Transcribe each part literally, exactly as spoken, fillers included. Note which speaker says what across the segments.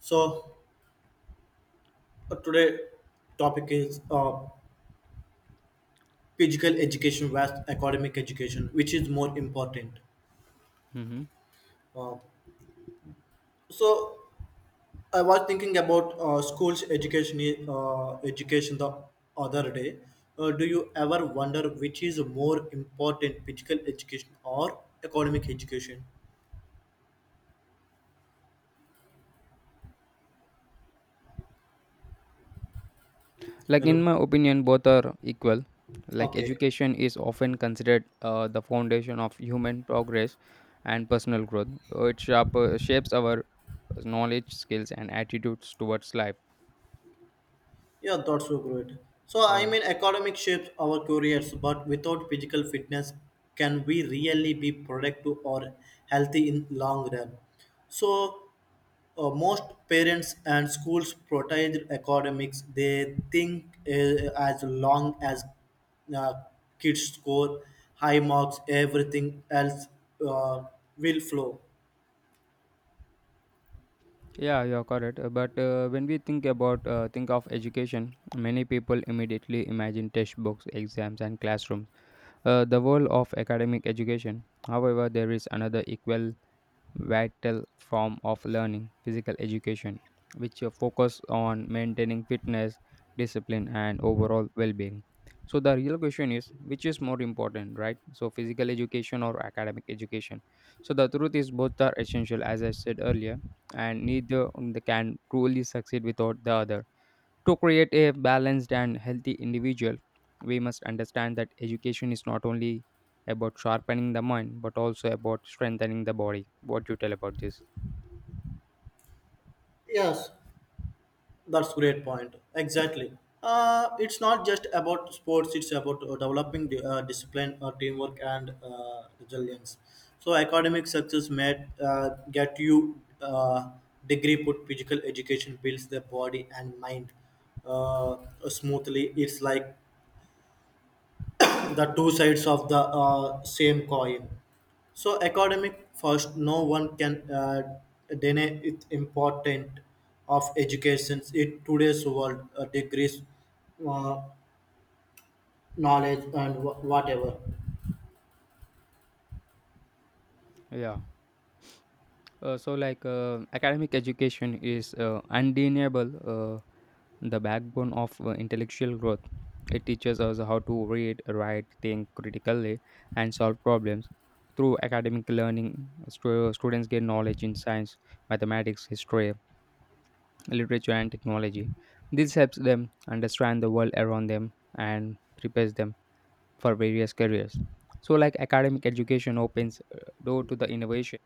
Speaker 1: So uh, today topic is uh, physical education versus academic education, which is more important.
Speaker 2: Mhm.
Speaker 1: Uh, so I was thinking about uh, schools education i- uh, education the other day. Uh, do you ever wonder which is more important, physical education or academic education?
Speaker 2: Like in
Speaker 1: Hello.
Speaker 2: my opinion, both are equal. Like
Speaker 1: Okay.
Speaker 2: education is often considered uh, the foundation of human progress and personal growth. Uh, It sharp, uh, shapes our knowledge, skills, and attitudes towards life.
Speaker 1: Yeah, that's so great. So,
Speaker 2: Uh,
Speaker 1: I mean, academic shapes our careers, but without physical fitness, can we really be productive or healthy in long run? So, uh, Most parents and schools prioritize academics. They think uh, as long as uh, kids score high marks, everything else uh, will flow.
Speaker 2: yeah, you're correct. Uh, But uh, when we think about uh, think of education, many people immediately imagine textbooks, exams, and classrooms. Uh, the role of academic education. However, there is another equal vital form of learning, physical education, which uh, focus on maintaining fitness, discipline, and overall well-being. So the real question is, which is more important, right? So physical education or academic education? So the truth is, both are essential, as I said earlier, and neither um, they can truly succeed without the other. To create a balanced and healthy individual, we must understand that education is not only about sharpening the mind but also about strengthening the body. What do you tell about this?
Speaker 1: Yes. That's great point. Exactly. Uh, it's not just about sports. It's about uh, developing the, uh, discipline, uh, teamwork, and uh, resilience. So academic success may uh, get you uh, degree, but physical education builds the body and mind uh, smoothly. It's like the two sides of the uh, same coin. So academic first, no one can uh, deny its importance of education in today's world, uh, degrees, uh, knowledge, and wh- whatever.
Speaker 2: Yeah. Uh, so, like, uh, academic education is uh, undeniable uh, the backbone of uh, intellectual growth. It teaches us how to read, write, think critically, and solve problems. Through academic learning, stu- students gain knowledge in science, mathematics, history, literature, and technology. This helps them understand the world around them and prepares them for various careers. So, like academic education opens uh, door to the innovation,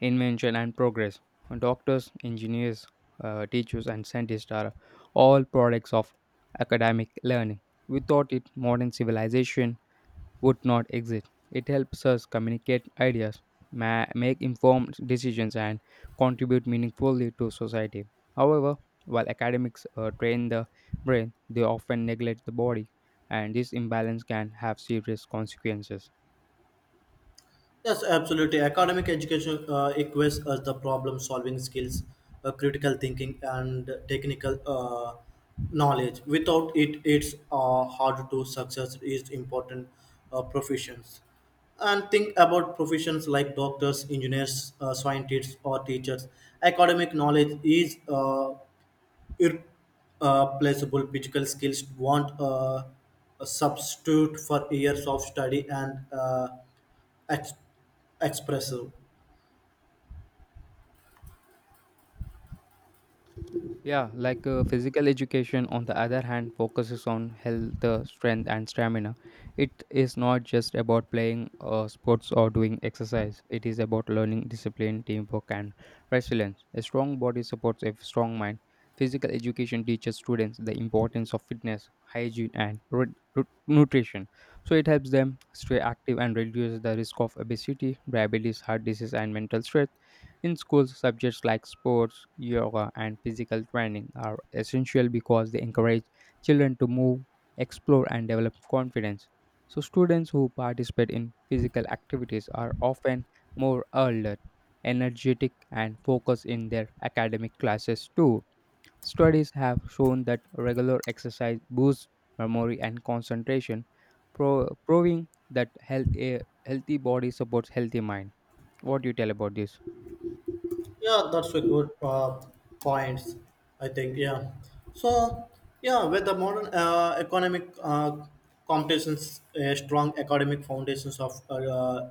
Speaker 2: invention, and progress. Doctors, engineers, uh, teachers, and scientists are all products of academic learning. Without it, modern civilization would not exist. It helps us communicate ideas, ma- make informed decisions, and contribute meaningfully to society. However, while academics uh, train the brain, they often neglect the body, and this imbalance can have serious consequences.
Speaker 1: Yes, absolutely. Academic education uh, equips us the problem solving skills, uh, critical thinking, and technical uh, knowledge. Without it, it's uh, hard to success is important uh, professions. And think about professions like doctors, engineers, uh, scientists, or teachers. Academic knowledge is uh, irreplaceable. Physical skills want uh, a substitute for years of study and uh, ex- expressive.
Speaker 2: Yeah, like uh, physical education, on the other hand, focuses on health, uh, strength, and stamina. It is not just about playing uh, sports or doing exercise, it is about learning discipline, teamwork, and resilience. A strong body supports a strong mind. Physical education teaches students the importance of fitness, hygiene, and ru- ru- nutrition. So it helps them stay active and reduces the risk of obesity, diabetes, heart disease, and mental stress. In schools, subjects like sports, yoga, and physical training are essential because they encourage children to move, explore, and develop confidence. So, students who participate in physical activities are often more alert, energetic, and focused in their academic classes too. Studies have shown that regular exercise boosts memory and concentration, pro- proving that health a healthy body supports healthy mind. What do you tell about this?
Speaker 1: Yeah, that's a good uh, point. I think yeah. So yeah, with the modern uh, economic uh, competitions, a strong academic foundations of uh, uh,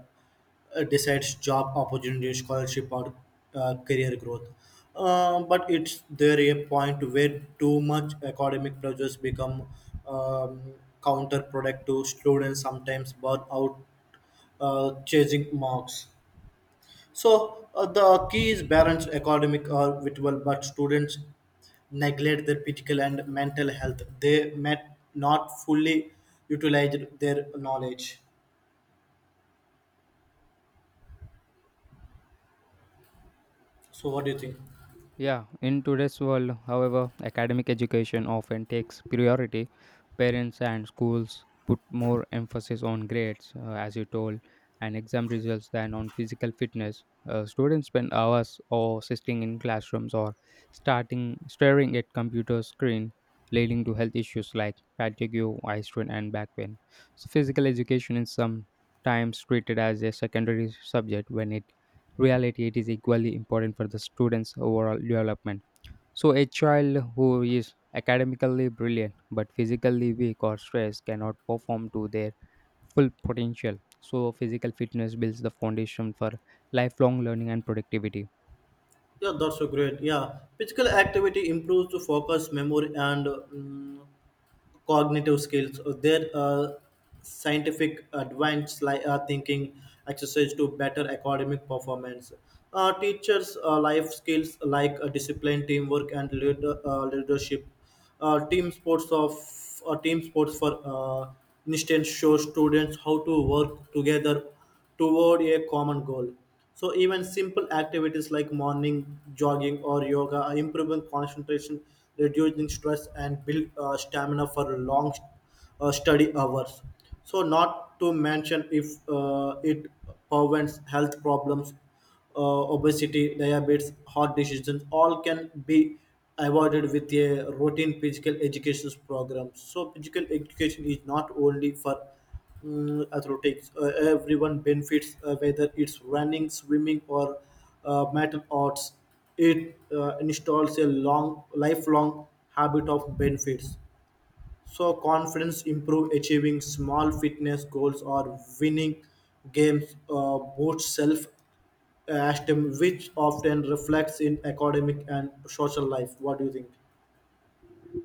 Speaker 1: decides job opportunities, scholarship, or uh, career growth. Uh, but it's there a point where too much academic pressures become um, counterproductive. Students sometimes burn out uh, chasing marks. So uh, the key is balance academic or virtual, but students neglect their physical and mental health. They may not fully utilize their knowledge. So what do you think?
Speaker 2: Yeah, in today's world, however, academic education often takes priority. Parents and schools put more emphasis on grades, uh, as you told, and exam results than on physical fitness. Uh, students spend hours or sitting in classrooms or starting staring at computer screen, leading to health issues like fatigue, eye strain, and back pain. So, physical education is sometimes treated as a secondary subject when it reality it is equally important for the students overall development. So a child who is academically brilliant but physically weak or stressed cannot perform to their full potential. So physical fitness builds the foundation for lifelong learning and productivity.
Speaker 1: Yeah, that's so great. Yeah, physical activity improves the focus, memory, and mm cognitive skills, uh, their uh, scientific advanced li- uh, thinking exercise to better academic performance. Uh, teachers' uh, life skills like uh, discipline, teamwork, and lead, uh, leadership. Uh, team sports of uh, team sports for uh, instance show students how to work together toward a common goal. So even simple activities like morning jogging or yoga are improving concentration, reducing stress, and build uh, stamina for long uh, study hours. So not to mention if uh, it prevents health problems uh, obesity, diabetes, heart diseases, all can be avoided with a routine physical education program. So, physical education is not only for mm, athletics, uh, everyone benefits uh, whether it's running, swimming, or uh, martial arts. It uh, installs a long, lifelong habit of benefits. So confidence improve achieving small fitness goals or winning games uh, boosts self uh, esteem, which often reflects in academic and social life. What do you think?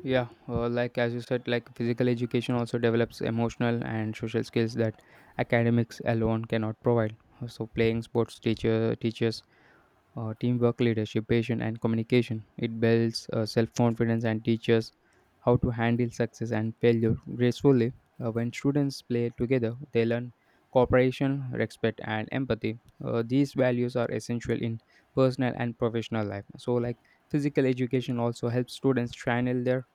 Speaker 2: Yeah, uh, like as you said, like physical education also develops emotional and social skills that academics alone cannot provide. Uh, So playing sports teacher teaches uh, teamwork, leadership, patience, and communication. It builds uh, self confidence and teaches how to handle success and failure gracefully. Uh, when students play together, they learn cooperation, respect, and empathy. Uh, these values are essential in personal and professional life. So, like physical education also helps students channel their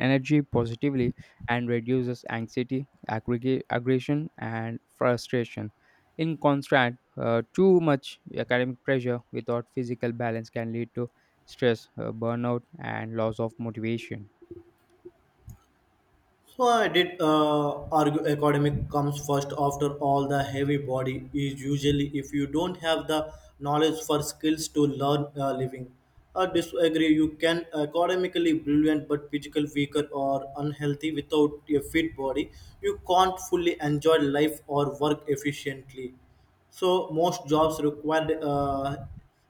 Speaker 2: energy positively and reduces anxiety, aggregate, aggression, and frustration. In contrast, uh, too much academic pressure without physical balance can lead to stress, uh, burnout, and loss of motivation.
Speaker 1: So I did uh, argue academic comes first after all the heavy body is usually if you don't have the knowledge for skills to learn uh, living. I disagree. You can academically brilliant but physical weaker or unhealthy without a fit body. You can't fully enjoy life or work efficiently. So most jobs require uh,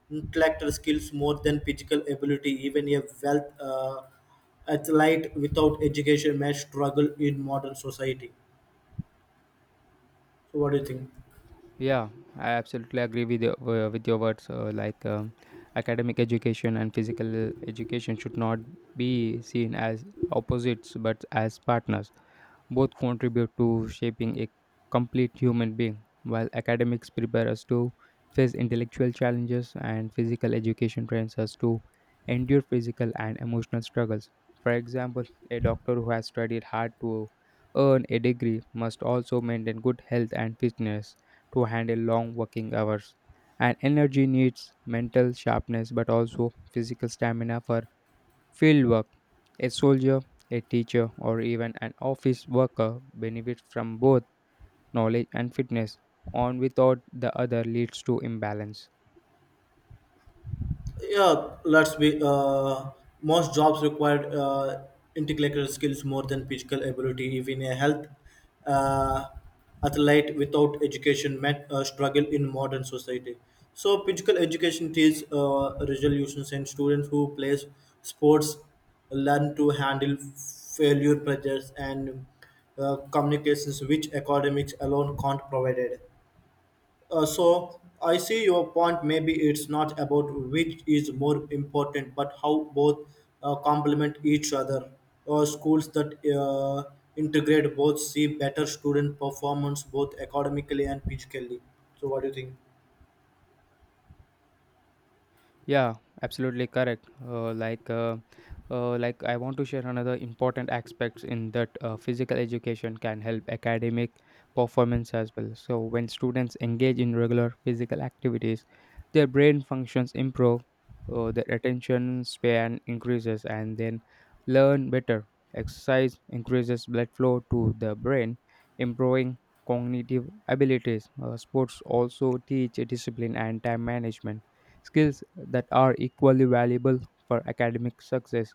Speaker 1: intellectual skills more than physical ability. Even a wealth. Uh, Athlete without education may struggle in modern society. So, what do you think?
Speaker 2: Yeah, I absolutely agree with your, uh, with your words. Uh, like um, academic education and physical education should not be seen as opposites but as partners. Both contribute to shaping a complete human being, while academics prepare us to face intellectual challenges and physical education trains us to endure physical and emotional struggles. For example, a doctor who has studied hard to earn a degree must also maintain good health and fitness to handle long working hours. And energy needs mental sharpness but also physical stamina for fieldwork. A soldier, a teacher, or even an office worker benefits from both knowledge and fitness. On without the other leads to imbalance.
Speaker 1: Yeah, let's be. Uh, most jobs require uh, intellectual skills more than physical ability. Even a health uh, athlete without education might uh, struggle in modern society. So, physical education teaches uh, resolutions, and students who play sports learn to handle failure pressures and uh, communications, which academics alone can't provide. Uh, so I see your point. Maybe it's not about which is more important, but how both uh, complement each other. Uh, schools that uh, integrate both see better student performance, both academically and physically. So, what do you think?
Speaker 2: Yeah, absolutely correct. Uh, like, uh, uh, like I want to share another important aspects in that uh, physical education can help academic performance as well. So when students engage in regular physical activities, their brain functions improve, uh, their attention span increases, and then learn better. Exercise increases blood flow to the brain, improving cognitive abilities. Uh, sports also teach discipline and time management skills that are equally valuable for academic success.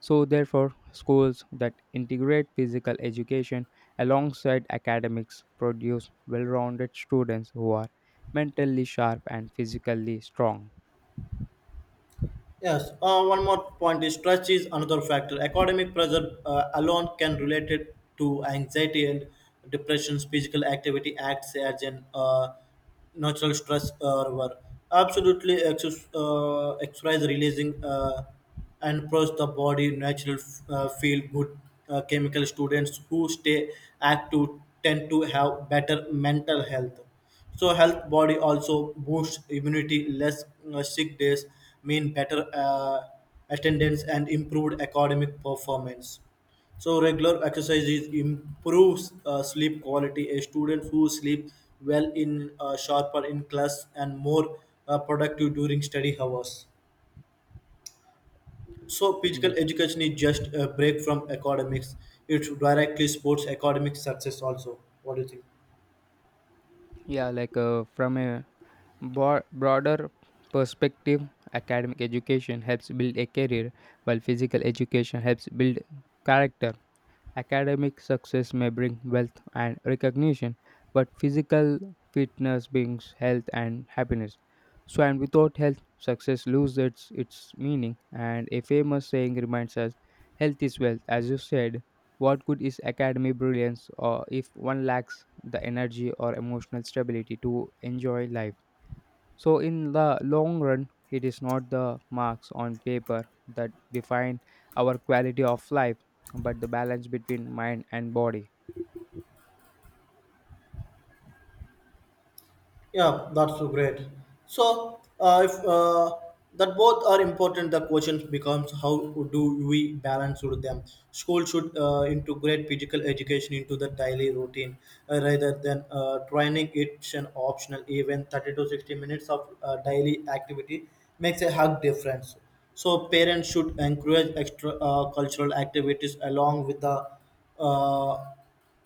Speaker 2: So, therefore, schools that integrate physical education alongside academics produce well rounded students who are mentally sharp and physically strong.
Speaker 1: Yes, uh, one more point is stress is another factor. Academic pressure uh, alone can relate it to anxiety and depression. Physical activity acts as an uh, natural stress uh, reliever. Absolutely, exercise, uh, exercise releasing uh, and plus the body natural uh, feel good uh, chemical students who stay active tend to have better mental health so health body also boosts immunity. Less uh, sick days mean better uh, attendance and improved academic performance. So regular exercises improves uh, sleep quality. A student who sleep well in uh, sharper in class and more uh, productive during study hours. So
Speaker 2: Yeah,
Speaker 1: physical education is just a break from academics. It directly supports academic success also. What do you think?
Speaker 2: yeah, like uh, from a Bo- broader perspective, academic education helps build a career, while physical education helps build character. Academic success may bring wealth and recognition, but physical fitness brings health and happiness. So, and without health, success loses its, its meaning. And a famous saying reminds us health is wealth. As you said, what good is academic brilliance or if one lacks the energy or emotional stability to enjoy life? So, in the long run, it is not the marks on paper that define our quality of life, but the balance between mind and body.
Speaker 1: Yeah, that's so great. So, uh, if uh, that both are important, the question becomes how do we balance with them? School should uh, integrate physical education into the daily routine uh, rather than uh, training it's an optional event. thirty to sixty minutes of uh, daily activity makes a hug difference. So, parents should encourage extra uh, cultural activities along with the uh,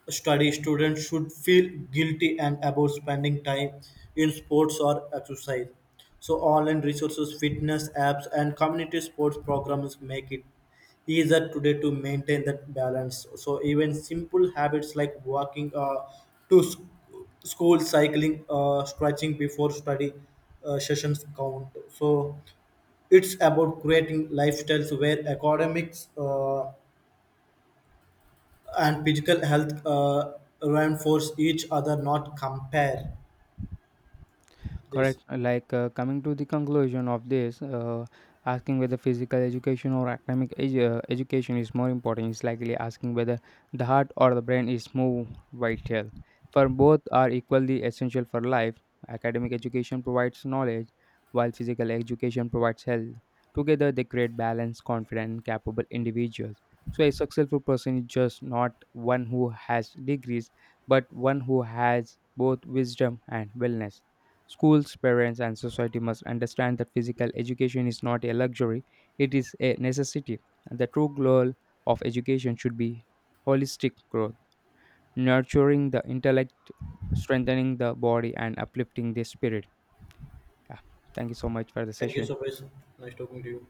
Speaker 1: study, students should feel guilty and about spending time in sports or exercise. So online resources, fitness apps, and community sports programs make it easier today to maintain that balance. So even simple habits like walking uh, to sc- school, cycling, uh, stretching before study uh, sessions count. So it's about creating lifestyles where academics. Uh, and physical health uh, reinforce each other, not compare this.
Speaker 2: Correct. Uh, Like uh, coming to the conclusion of this, uh, asking whether physical education or academic edu- uh, education is more important is likely asking whether the heart or the brain is more vital. For both are equally essential for life. Academic education provides knowledge, while physical education provides health. Together, they create balanced, confident, and capable individuals. So, a successful person is just not one who has degrees, but one who has both wisdom and wellness. Schools, parents, and society must understand that physical education is not a luxury, it is a necessity. The true goal of education should be holistic growth, nurturing the intellect, strengthening the body, and uplifting the spirit. Yeah. Thank you so much for the
Speaker 1: Thank you
Speaker 2: session.
Speaker 1: so much. Nice talking to you.